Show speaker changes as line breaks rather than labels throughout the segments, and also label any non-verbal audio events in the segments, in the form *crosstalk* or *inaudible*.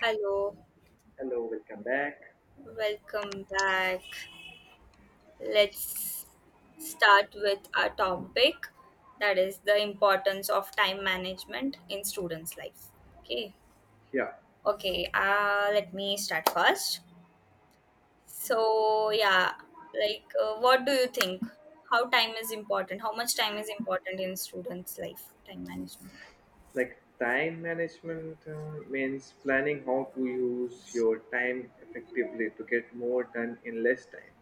Hello,
Hello, welcome back.
welcome back. Let's start with our topic, that is the importance of time management in students' life. Okay.
Yeah,
Okay, let me start first. So, yeah, like what do you think? How time is important? How much time is important in students' life? Time management.
like time management means planning how to use your time effectively to get more done in less time.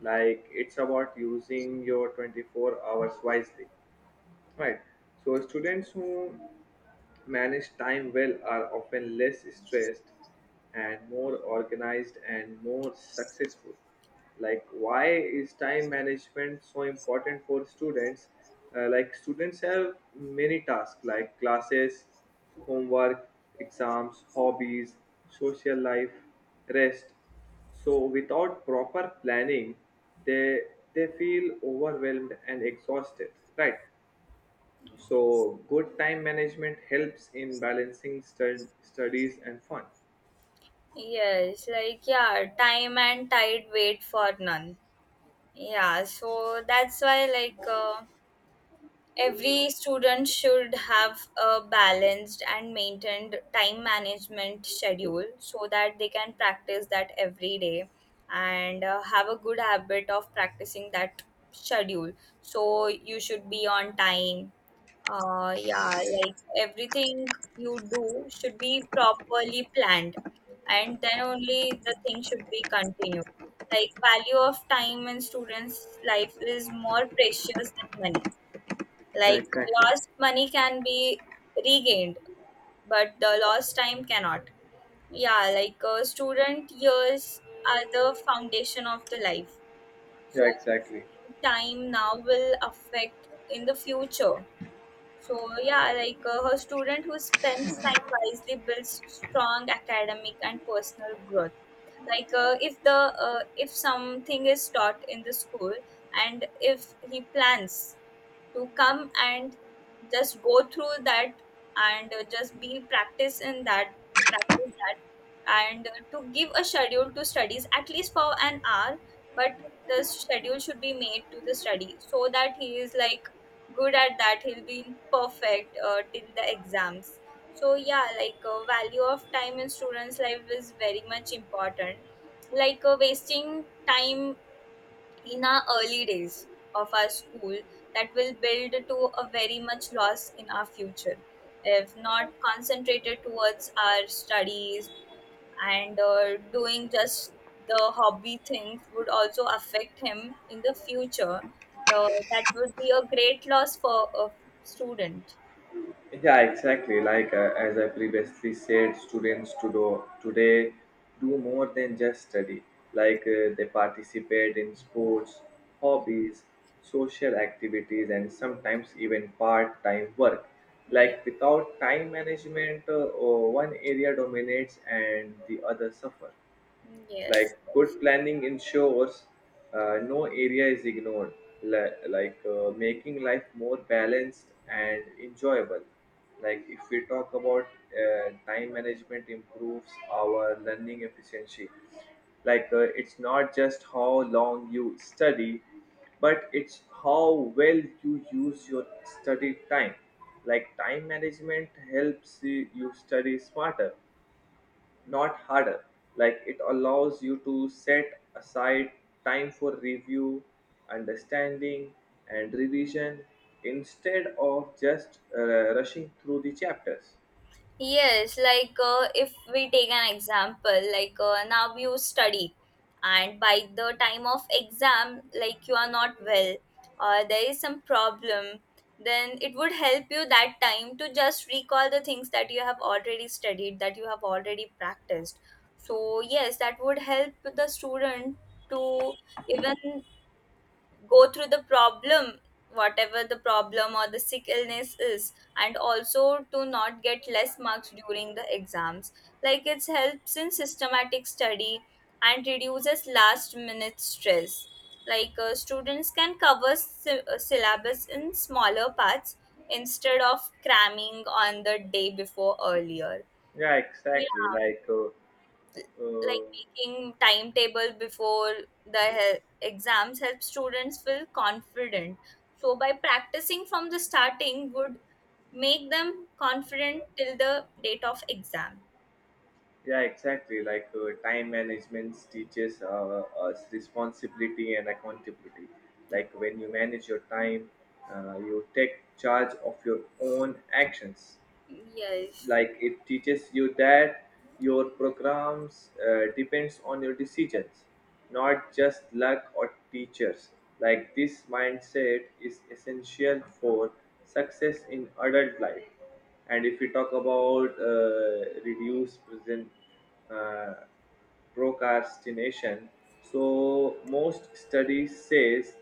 Like it's about using your 24 hours wisely. Right. So students who manage time well are often less stressed and more organized and more successful. Like why is time management so important for students? Like students have many tasks like classes, homework, exams, hobbies, social life, rest. So without proper planning, they they feel overwhelmed and exhausted. Right.
Yes.
So, good time management helps in balancing studies and fun.
Yes, like yeah, time and tide wait for none. Yeah, so that's why like every student should have a balanced and maintained time management schedule so that they can practice that every day, and have a good habit of practicing that schedule. So you should be on time. Yeah, like everything you do should be properly planned, and then only the thing should be continued. Like, value of time in students life is more precious than money.
Yeah,
Like,
exactly.
lost money can be regained, but the lost time cannot. Yeah, like student years are the foundation of the life.
Yeah,
So
exactly.
wasting time now will affect in the future. So yeah, like her student who spends time wisely builds strong academic and personal growth. Like if something is taught in the school, and if he plans to come and just go through that, and just be practice in that, to practice that, and to give a schedule to studies at least for an hour. But the schedule should be made to the study, so that he is like good at that. He'll be in perfect till the exams. So yeah, like value of time in students life is very much important. Like wasting time in our early days of our school, that will build to a very much loss in our future if not concentrated towards our studies, and doing just the hobby things would also affect him in the future. So that would be a great loss for a student.
Yeah, exactly. Like, as I previously said, students to do, today do more than just study. Like they participate in sports,
Mm,
hobbies, social activities, and sometimes even part-time work.
yeah.
Like without time management, one area dominates and the other suffer.
Mm, yes.
Like good
Yes.
planning ensures no area is ignored, like making life more balanced and enjoyable. Like if we talk about time management improves our learning efficiency. Like it's not just how long you study, but it's how well you use your study time. Like time management helps you study smarter, not harder. Like it allows you to set aside time for review, understanding, and revision instead of just rushing through the chapters.
Yes, like if we take an example, like now you study, and by the time of exam, like you are not well or there is some problem. Then it would help you that time to just recall the things that you have already studied, that you have already practiced. So, yes, that would help the student to even go through the problem, whatever the problem or the sick illness is, and also to not get less marks during the exams. Like it helps in systematic study and reduces last minute stress. Like students can cover syllabus in smaller parts, instead of cramming on the day before earlier.
Yeah, exactly.
Yeah,
Uh,
like making timetable before the exams helps students feel confident. So by practicing from the starting would make them confident till the date of exam.
yeah, exactly. Like, time management teaches us responsibility and accountability.
Mm,
Like, when you manage your time, you take charge of your own actions.
yes.
Like it teaches you that your programs depends on your decisions, not just luck or teachers. Like this mindset is essential for success in adult life. And if we talk about reduce present uh, procrastination, so most studies says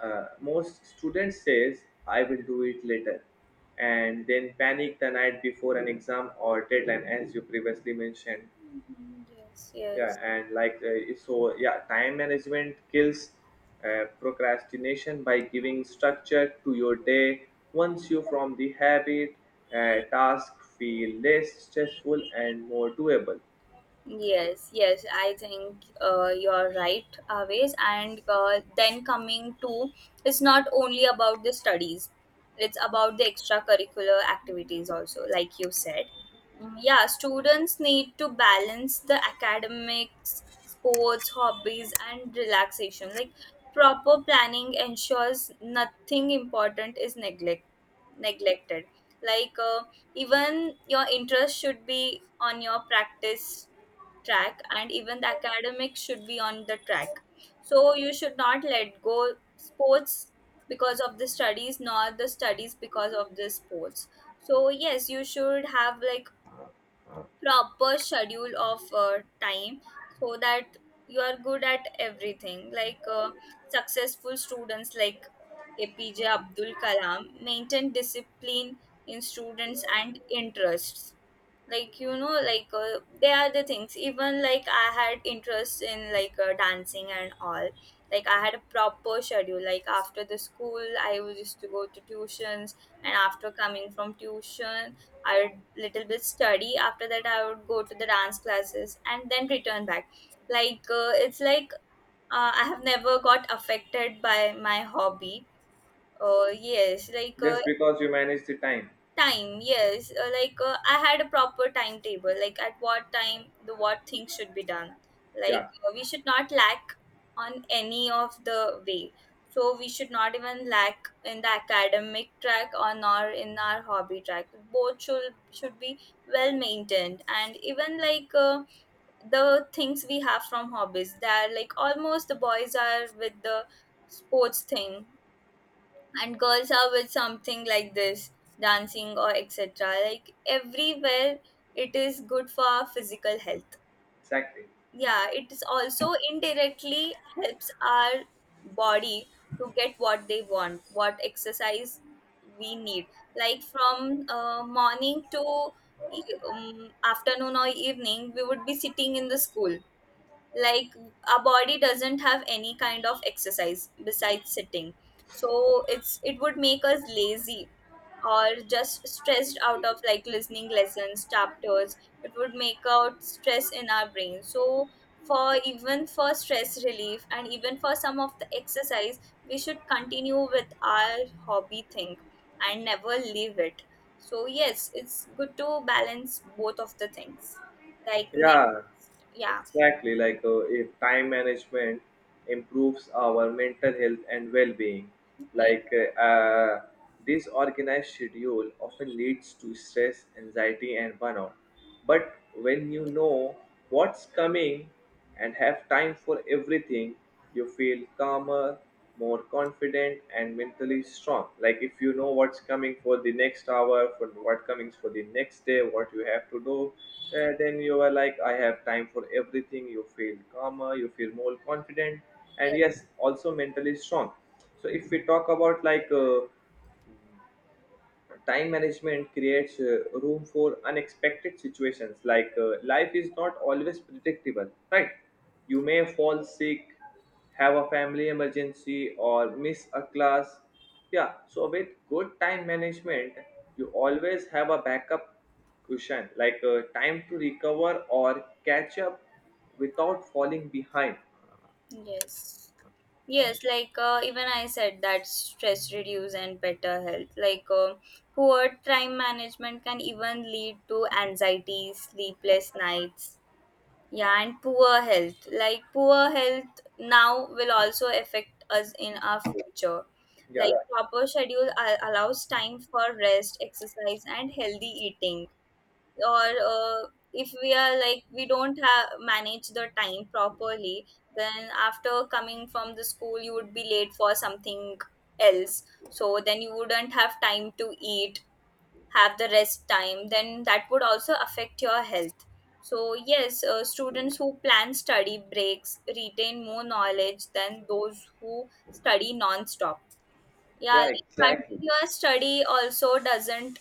uh, most students says I will do it later and then panic the night before an exam or deadline, as you previously mentioned.
Mhm, yes,
Yeah,
yes.
and like so yeah, time management kills procrastination by giving structure to your day. Once you from the habit, task feel less stressful and more doable.
Yes, yes, I think you're right always. And then coming to, it's not only about the studies, it's about the extracurricular activities also, like you said. Mm, yeah, students need to balance the academics, sports, hobbies, and relaxation. Like proper planning ensures nothing important is neglected. Like even your interest should be on your practice track, and even the academics should be on the track. So you should not let go sports because of the studies, nor the studies because of the sports. So yes, you should have like proper schedule of time, so that you are good at everything. Like successful students like APJ Abdul Kalam maintain discipline in students and interests. Like like they are the things. Even like I had interest in like dancing and all. Like I had a proper schedule. Like after the school I was used to go to tuitions, and after coming from tuition I would little bit study. After that I would go to the dance classes and then return back. Like it's like I have never got affected by my hobby. Yes, like
Just because you manage the time.
time. Yes, like I had a proper timetable, like at what time the what things should be done. Like
Yeah,
we should not lack on any of the way. So we should not even lack in the academic track, or nor in our hobby track. Both should be well maintained. And even like the things we have from hobbies, they are like almost the boys are with the sports thing, and girls are with something like this. Dancing or etc, like everywhere, it is good for our physical health.
exactly.
Yeah, it is also indirectly helps our body to get what they want, what exercise we need. Like from morning to e- afternoon or evening we would be sitting in the school. Like our body doesn't have any kind of exercise besides sitting. So it would make us lazy, or just stressed out of like listening lessons chapters. It would make out stress in our brain. So for even for stress relief, and even for some of the exercise, we should continue with our hobby thing and never leave it. So yes, it's good to balance both of the things. Like next.
Yeah,
Yeah,
exactly. Like if time management improves our mental health and well-being,
yeah,
like this organized schedule often leads to stress, anxiety, and burnout. But when you know what's coming, and have time for everything, you feel calmer, more confident, and mentally strong. Like if you know what's coming for the next hour, for what comings for the next day, what you have to do, then you are like, I have time for everything. You feel calmer, you feel more confident, and
yeah.
yes, also mentally strong. So if we talk about like time management creates room for unexpected situations. Like life is not always predictable, right? You may fall sick, have a family emergency, or miss a class. Yeah, so with good time management, you always have a backup cushion, like time to recover or catch up without falling behind.
Yes. Yes, like even I said that stress reduce and better health. Like poor time management can even lead to anxiety, sleepless nights. Yeah, and poor health. Like poor health now will also affect us in our future. Like
Yeah,
proper schedule allows time for rest, exercise, and healthy eating. Or if we are like we don't have manage the time properly, then after coming from the school you would be late for something else. So then you wouldn't have time to eat, have the rest time. Then that would also affect your health. So yes, students who plan study breaks retain more knowledge than those who study non-stop. Yeah,
yeah,
like
exactly.
continuous study also doesn't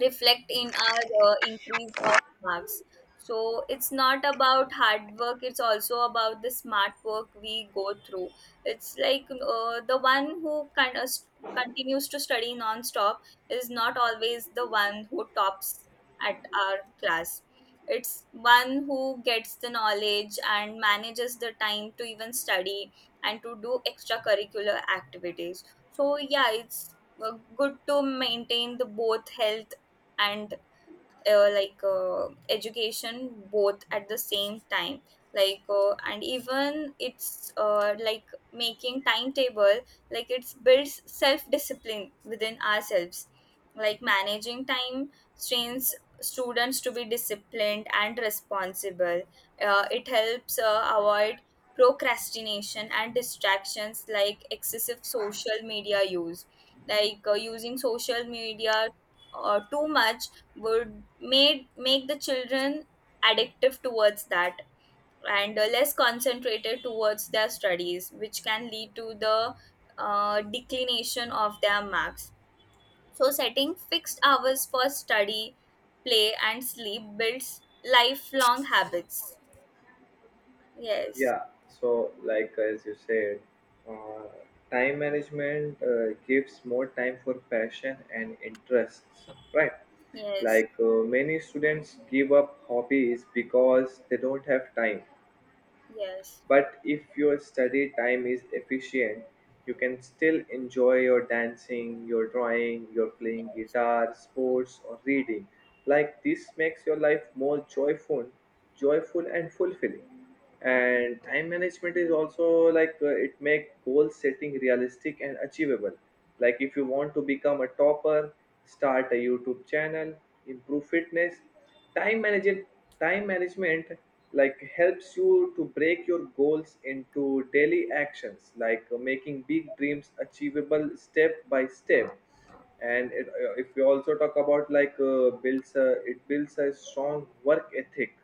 reflect in our increase of marks. So it's not about hard work, it's also about the smart work we go through. It's like the one who kind of continues to study non-stop is not always the one who tops at our class. It's one who gets the knowledge and manages the time to even study and to do extracurricular activities. So yeah, it's good to maintain the both health, and education both at the same time. Like and even it's like making timetable, like it's builds self discipline within ourselves. Like managing time trains students to be disciplined and responsible. It helps avoid procrastination and distractions, like excessive social media use. Like using social media too much would made make the children addictive towards that, and less concentrated towards their studies, which can lead to the declination of their marks. So setting fixed hours for study, play, and sleep builds lifelong habits. Yes,
Yeah, so like as you said, uh, time management gives more time for passion and interests, right?
yes,
Like many students give up hobbies because they don't have time,
yes.
but if your study time is efficient, you can still enjoy your dancing, your drawing, your playing guitar, sports, or reading. Like this makes your life more joyful and fulfilling. And time management is also like, it make goal setting realistic and achievable. Like if you want to become a topper, start a YouTube channel, improve fitness, time management time management like helps you to break your goals into daily actions, like making big dreams achievable step by step. And it, if we also talk about, like it builds a strong work ethic.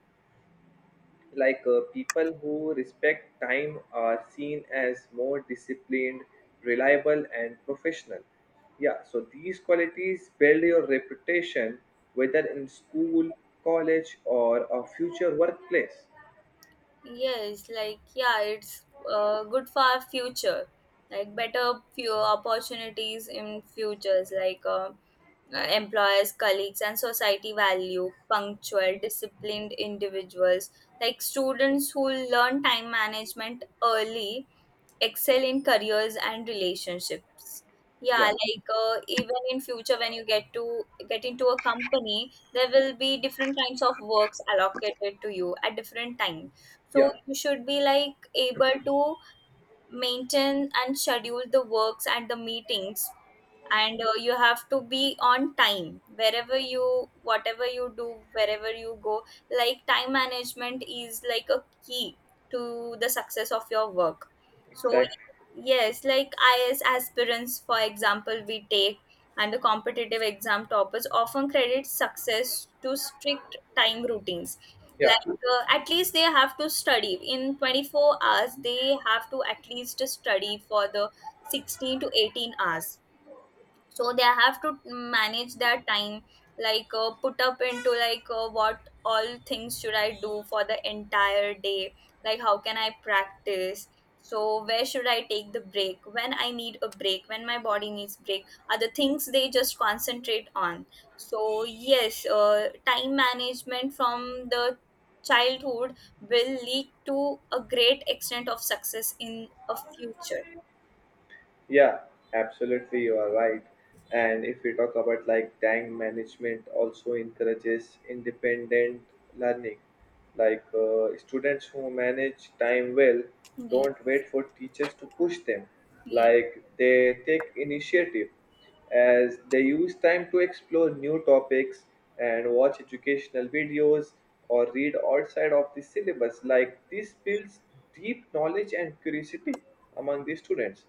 Like people who respect time are seen as more disciplined, reliable, and professional. Yeah, so these qualities build your reputation whether in school, college, or a future workplace.
Yes, like yeah, it's good for our future. Like better few opportunities in futures. Like employers, colleagues, and society value punctual, disciplined individuals. Like students who learn time management early excel in careers and relationships. Yeah,
Yeah,
like even in future, when you get into a company, there will be different kinds of works allocated to you at different times. So
yeah,
you should be like able to maintain and schedule the works and the meetings. And you have to be on time, wherever you whatever you do, wherever you go. Like time management is like a key to the success of your work. So
exactly.
yes, like is aspirants for example we take, and the competitive exam toppers often credit success to strict time routines.
Yeah.
Like at least they have to study in 24 hours, they have to at least study for the 16 to 18 hours. So they have to manage their time. Like put up into like what all things should I do for the entire day? Like how can I practice? So where should I take the break, when I need a break, when my body needs break are the things they just concentrate on. So yes, time management from the childhood will lead to a great extent of success in a future.
Yeah, absolutely, you are right. And if we talk about like time management, also encourages independent learning. Like students who manage time well
Yeah,
don't wait for teachers to push them.
yeah.
Like they take initiative as they use time to explore new topics and watch educational videos or read outside of the syllabus. Like this builds deep knowledge and curiosity among the students.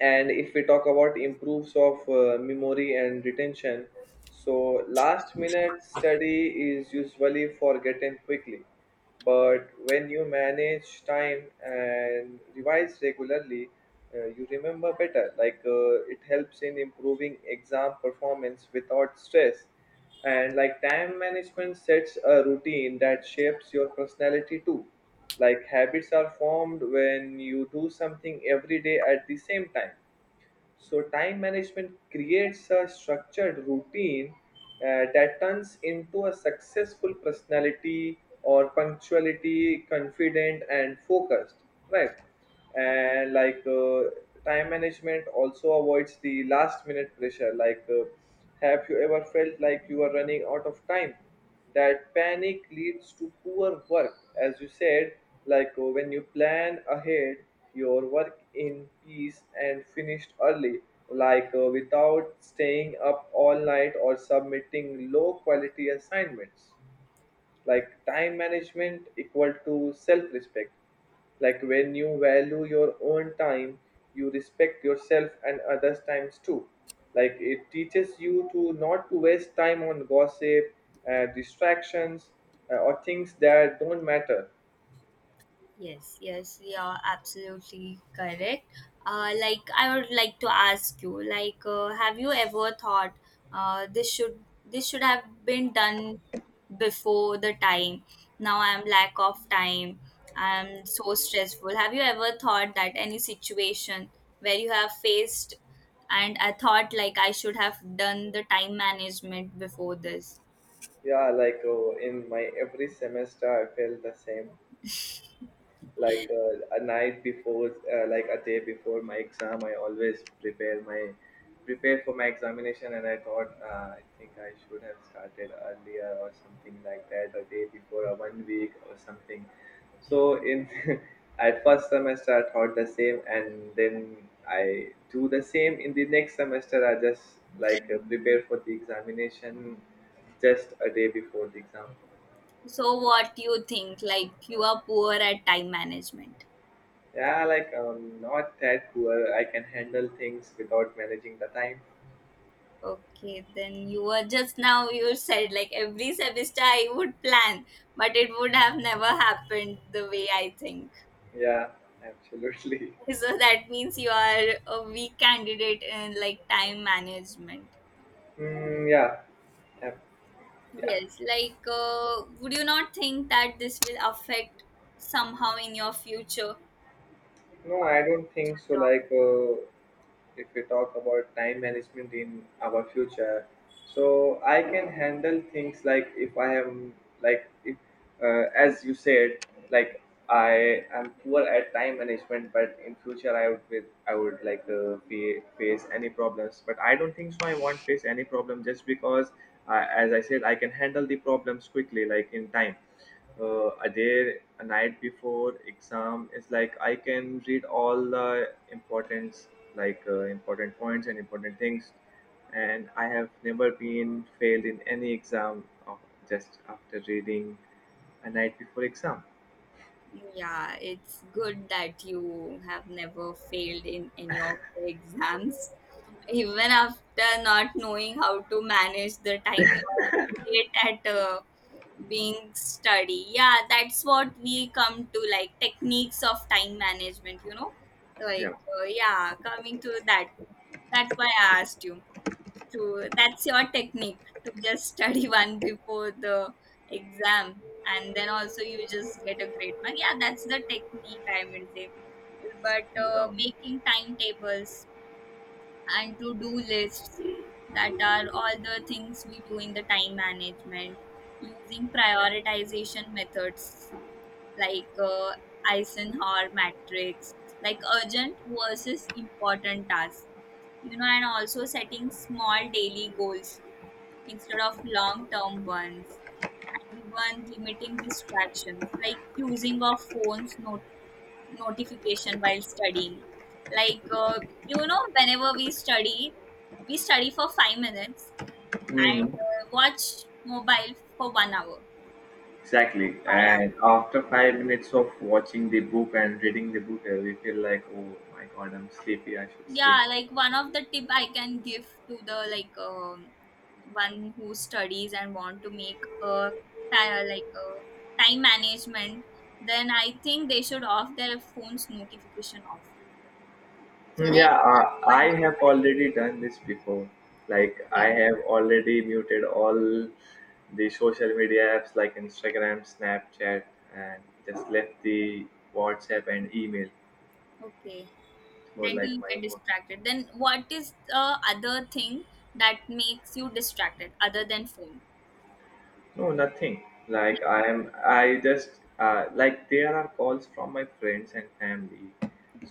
And if we talk about improves of memory and retention, so last minute study is usually forgotten quickly, but when you manage time and revise regularly, you remember better. Like it helps in improving exam performance without stress. And like time management sets a routine that shapes your personality too. Like habits are formed when you do something every day at the same time. So, time management creates a structured routine that turns into a successful personality or punctuality, confident, and focused, right? And like time management also avoids the last minute pressure. Like, have you ever felt like you are running out of time? That panic leads to poor work, as you said. Like when you plan ahead, your work in peace and finished early, like without staying up all night or submitting low quality assignments. Like time management equal to self-respect. Like when you value your own time, you respect yourself and others times too. Like it teaches you to not to waste time on gossip, distractions, or things that don't matter.
Yes, yes, you're absolutely correct. Like, I would like to ask you, like, have you ever thought uh, this should this should have been done before the time? Now I'm lack of time. I'm so stressful. Have you ever thought that any situation where you have faced, and I thought like I should have done the time management before this?
Yeah, like oh, in my every semester I felt the same. Like a night before like a day before my exam I always prepare for my examination. And I thought, I think I should have started earlier or something, like that a day before or 1 week or something. So in *laughs* at first semester I thought the same, and then I do the same in the next semester. I just like prepare for the examination just a day before the exam.
So what do you think? Like you are poor at time management.
Yeah, like not that poor. I can handle things without managing the time.
Okay, then you were, just now you said like every semester I would plan, but it would have never happened the way I think.
Yeah, absolutely.
So that means you are a weak candidate in like time management.
*laughs* Mm, yeah, yeah, yeah.
Yes, like would you not think that this will affect somehow in your future?
No, I don't think so. Like, if we talk about time management in our future, so I can handle things like if I am, like if, as you said, like I am poor at time management, but in future I would with I would like face any problems. But I don't think so. I won't face any problem just because, I, as I said, I can handle the problems quickly, like in time, a day a night before exam is like I can read all the importance, like important points and important things. And I have never been failed in any exam of just after reading a night before exam.
Yeah, it's good that you have never failed in any of the exams. Even after not knowing how to manage the time, you're great at being study. Yeah, that's what we come to like techniques of time management, you know?
Yeah,
Like, yeah, coming to that. That's why I asked you. To That's your technique to just study *laughs* one before the exam, and then also you just get a great mark. Yeah, that's the technique I would say. But
yeah.
making timetables and to do lists, that are all the things we do in the time management, using prioritization methods like uh, Eisenhower matrix, like urgent versus important tasks, you know, and also setting small daily goals instead of long term ones, and even limiting distractions like using of phones notification while studying. Like uh, you know whenever we study, we study for 5 minutes and
Mhm.
watch mobile for 1 hour
Exactly.
5.
And after 5 minutes of watching the book and reading the book, we feel like, oh my god, I'm sleepy, I should sleep.
Yeah, like one of the tip I can give to the, one who studies and want to make a like a time management, then I think they should off their phone's notification off. So
Hmm.
then
Yeah,
what
I
dis-
have already done this before. Like, I
okay,
have already muted all the social media apps like Instagram, Snapchat, and just left the WhatsApp and email
okay,
for
then
like
you
my
get
work.
distracted, then what is the other thing that makes you distracted other than phone?
No, nothing. Like I am, I just, like there are calls from my friends and family.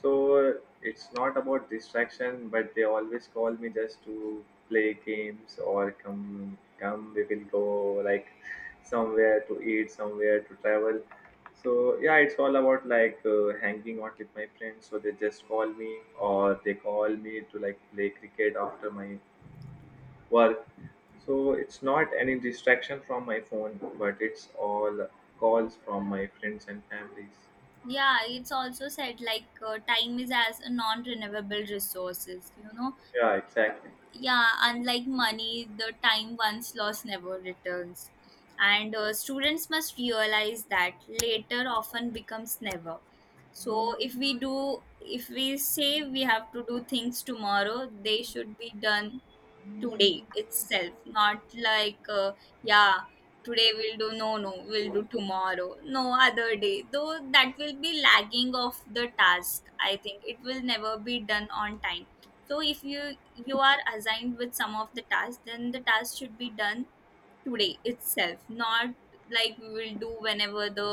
So it's not about distraction, but they always call me just to play games or come, come. We will go like somewhere to eat, somewhere to travel. So yeah, it's all about like hanging out with my friends. So they just call me or they call me to like play cricket after my work. So it's not any distraction from my phone, but it's all calls from my friends and families.
Yeah, it's also said like time is as a non-renewable resources, you know?
Yeah, exactly.
Yeah, unlike money, the time once lost never returns. And students must realize that later often becomes never. So if we do, if we say we have to do things tomorrow, they should be done today itself, not yeah, today we'll do, no no we'll do tomorrow, no other day, though that will be lagging of the task, I think it will never be done on time. So if you you are assigned with some of the tasks, then the task should be done today itself, not like we will do whenever the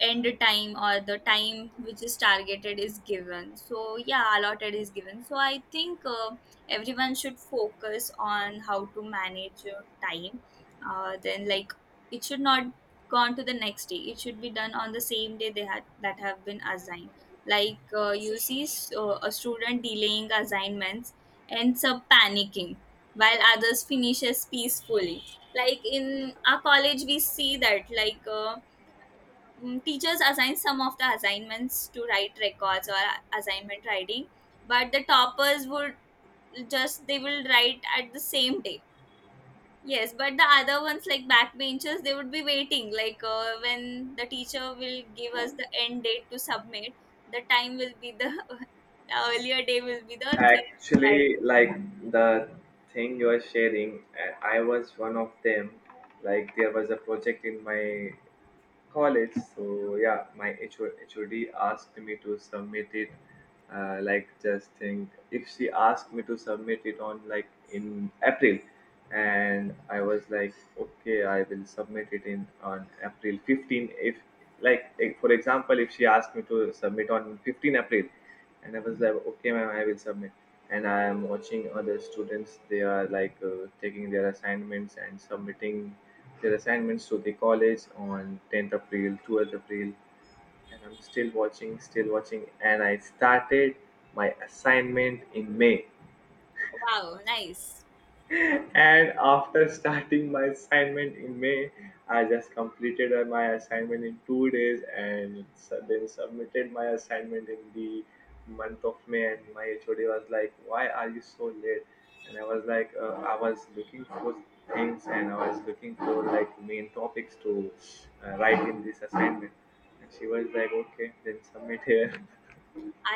end time or the time which is targeted is given, so yeah, allotted is given. So I think everyone should focus on how to manage your time, then like it should not go on to the next day, it should be done on the same day they had that have been assigned. You see, so a student delaying assignments ends up panicking while others finishes peacefully. Like in our college we see that teachers assign some of the assignments to write records or assignment writing, but the toppers would just, they will write at the same day. Yes, but the other ones like backbenchers, they would be waiting, when the teacher will give us the end date to submit, the time will be *laughs* the earlier day will be the thing to write.
Actually, like the thing you are sharing, I was one of them. Like there was a project in my college. So yeah, my HOD asked me to submit it. Like just think, if she asked me to submit it on like in April, and I was like, okay, I will submit it in on April 15. If like eh, for example, if she asked me to submit on 15th April, and I was like, okay, ma'am, I will submit. And I am watching other students. They are like taking their assignments and submitting their assignments to the college on 10th April, 12th April, and I'm still watching. And I started my assignment in May.
Wow, nice.
And after starting my assignment in May, I just completed my assignment in 2 days and then submitted my assignment in the month of May. And my HOD was like, why are you so late? And I was like, I was looking for things and I was looking for like main topics to write in this assignment. And she was like, okay, then submit here. *laughs*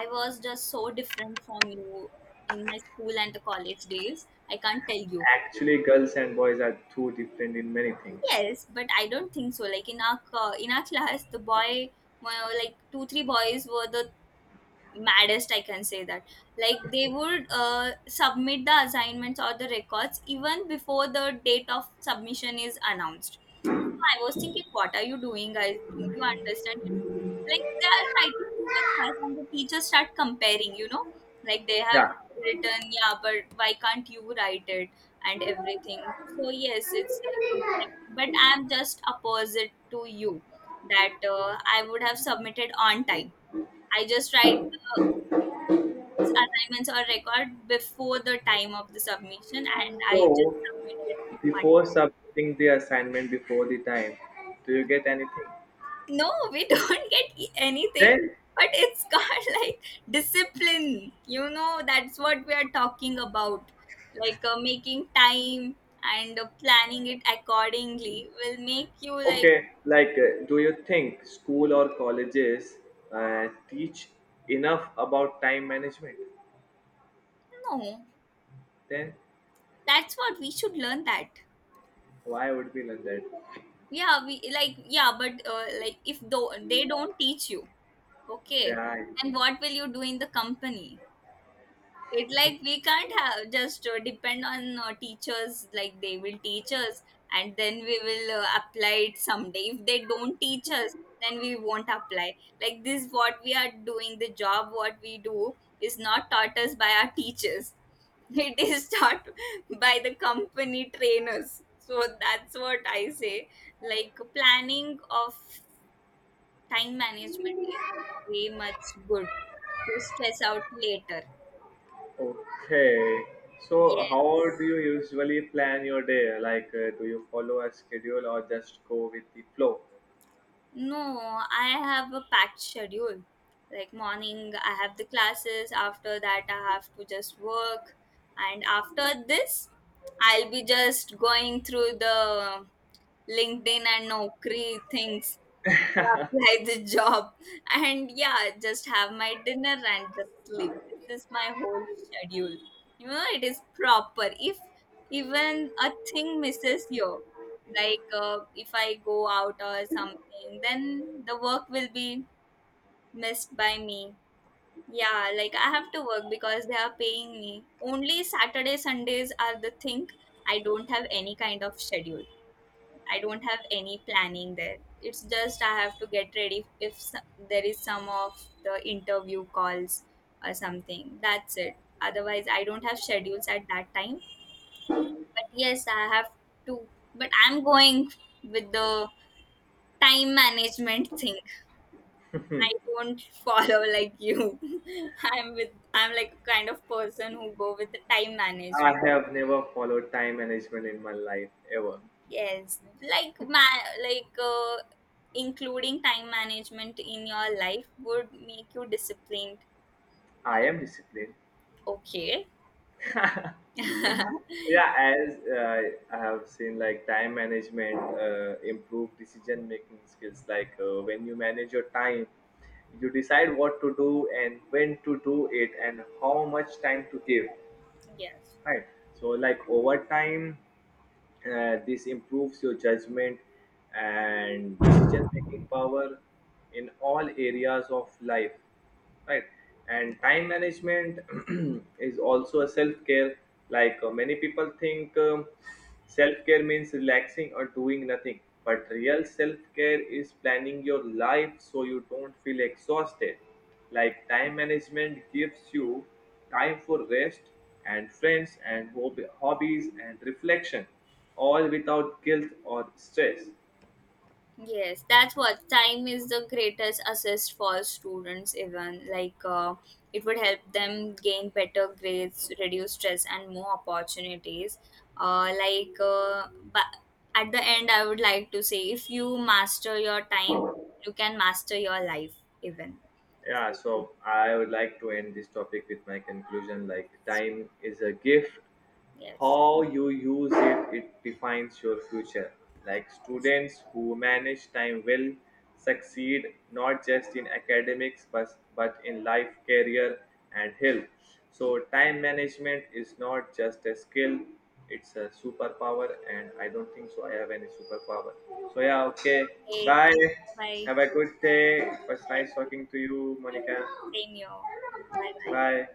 I was just so different from you. In my school and the college days, I can't tell you.
Actually, girls and boys are too different in many things.
Yes, but I don't think so. Like in our in our class, the boy, well, like two three boys were the maddest. I can say that. Like they would submit the assignments or the records even before the date of submission is announced. I was thinking, what are you doing, guys? Don't you understand? It's like they are fighting too much fights, and the teachers start comparing. You know, like they have
Yeah.
written, yeah, but why can't you write it and everything? So yes, it's but I'm just opposite to you, that I would have submitted on time. I just write the assignments or record before the time of the submission, and I just
So,
submitted on time.
before submitting the assignment before the time, do you get anything?
No, we *laughs* don't get anything,
Then,
but it's *laughs* called like discipline, you know, that's what we are talking about. Making time and planning it accordingly will make you like,
okay, like, do you think school or colleges teach enough about time management?
no,
Then,
that's what we should learn. That
why would we learn that?
yeah we like yeah but like if though they don't teach you, okay,
Yeah, I
then what will you do in the company? It like we can't have just depend on teachers, like they will teach us and then we will apply it someday. If they don't teach us, then we won't apply. Like this, what we are doing, the job what we do is not taught us by our teachers, *laughs* it is taught by the company trainers. So that's what I say, like planning of time management
know.
is way much good to stress out later.
Okay. So, how do you usually plan your day? Like, do you follow a schedule or just go with the flow?
No, I have a packed schedule. Like morning, I have the classes. After that, I have to just work. And after this, I'll be just going through the LinkedIn and Naukri things, apply the job, and yeah, just have my dinner and just sleep. This is my whole schedule, you know. It is proper, if even a thing misses you, if I go out or something, then the work will be missed by me. Yeah, like I have to work because they are paying me. Only Saturday Sundays are the thing, I don't have any kind of schedule. I don't have any planning there. It's just I have to get ready if s- there is some of the interview calls or something. That's it. Otherwise, I don't have schedules at that time. But yes, I have to. But I'm going with the time management thing. I don't *laughs* follow like you. *laughs* I'm with. I'm like a kind of person who go with the time
I
management.
have never followed time management in my life ever.
Yes, like ma like including time management in your life would make you disciplined.
I
Mm,
am disciplined,
okay.
*laughs*
*laughs* yes.
yeah as I have seen like time management improve decision making skills. Like when you manage your time, you decide what to do and when to do it and how much time to give, right? So like over time, this improves your judgment and decision making power in all areas of life, right? And time management *clears throat* is also a self care. Like many people think self care means relaxing or doing nothing, but real self care is planning your life so you don't feel exhausted. Like time management gives you time for rest and friends and hobbies and reflection, all without guilt or stress.
Yes, that's what, time is the greatest assist for students, even it would help them gain better grades, reduce stress, and more opportunities. But at the end, I would like to say, if you master your time, you can master your life, even.
Yeah, so I would like to end this topic with my conclusion, like, time is a gift.
Yes.
How you use it, it defines your future. Like,
Yes.
students who manage time well succeed not just in academics but in life, career, and health. So, time management is not just a skill, it's a superpower. And I don't think so I have any superpower. So yeah, okay,
Okay.
bye.
Bye.
Have a good day. It was
Yes,
nice
you too.
talking to you,
Yes,
Monica.
same here. Bye bye.
Bye.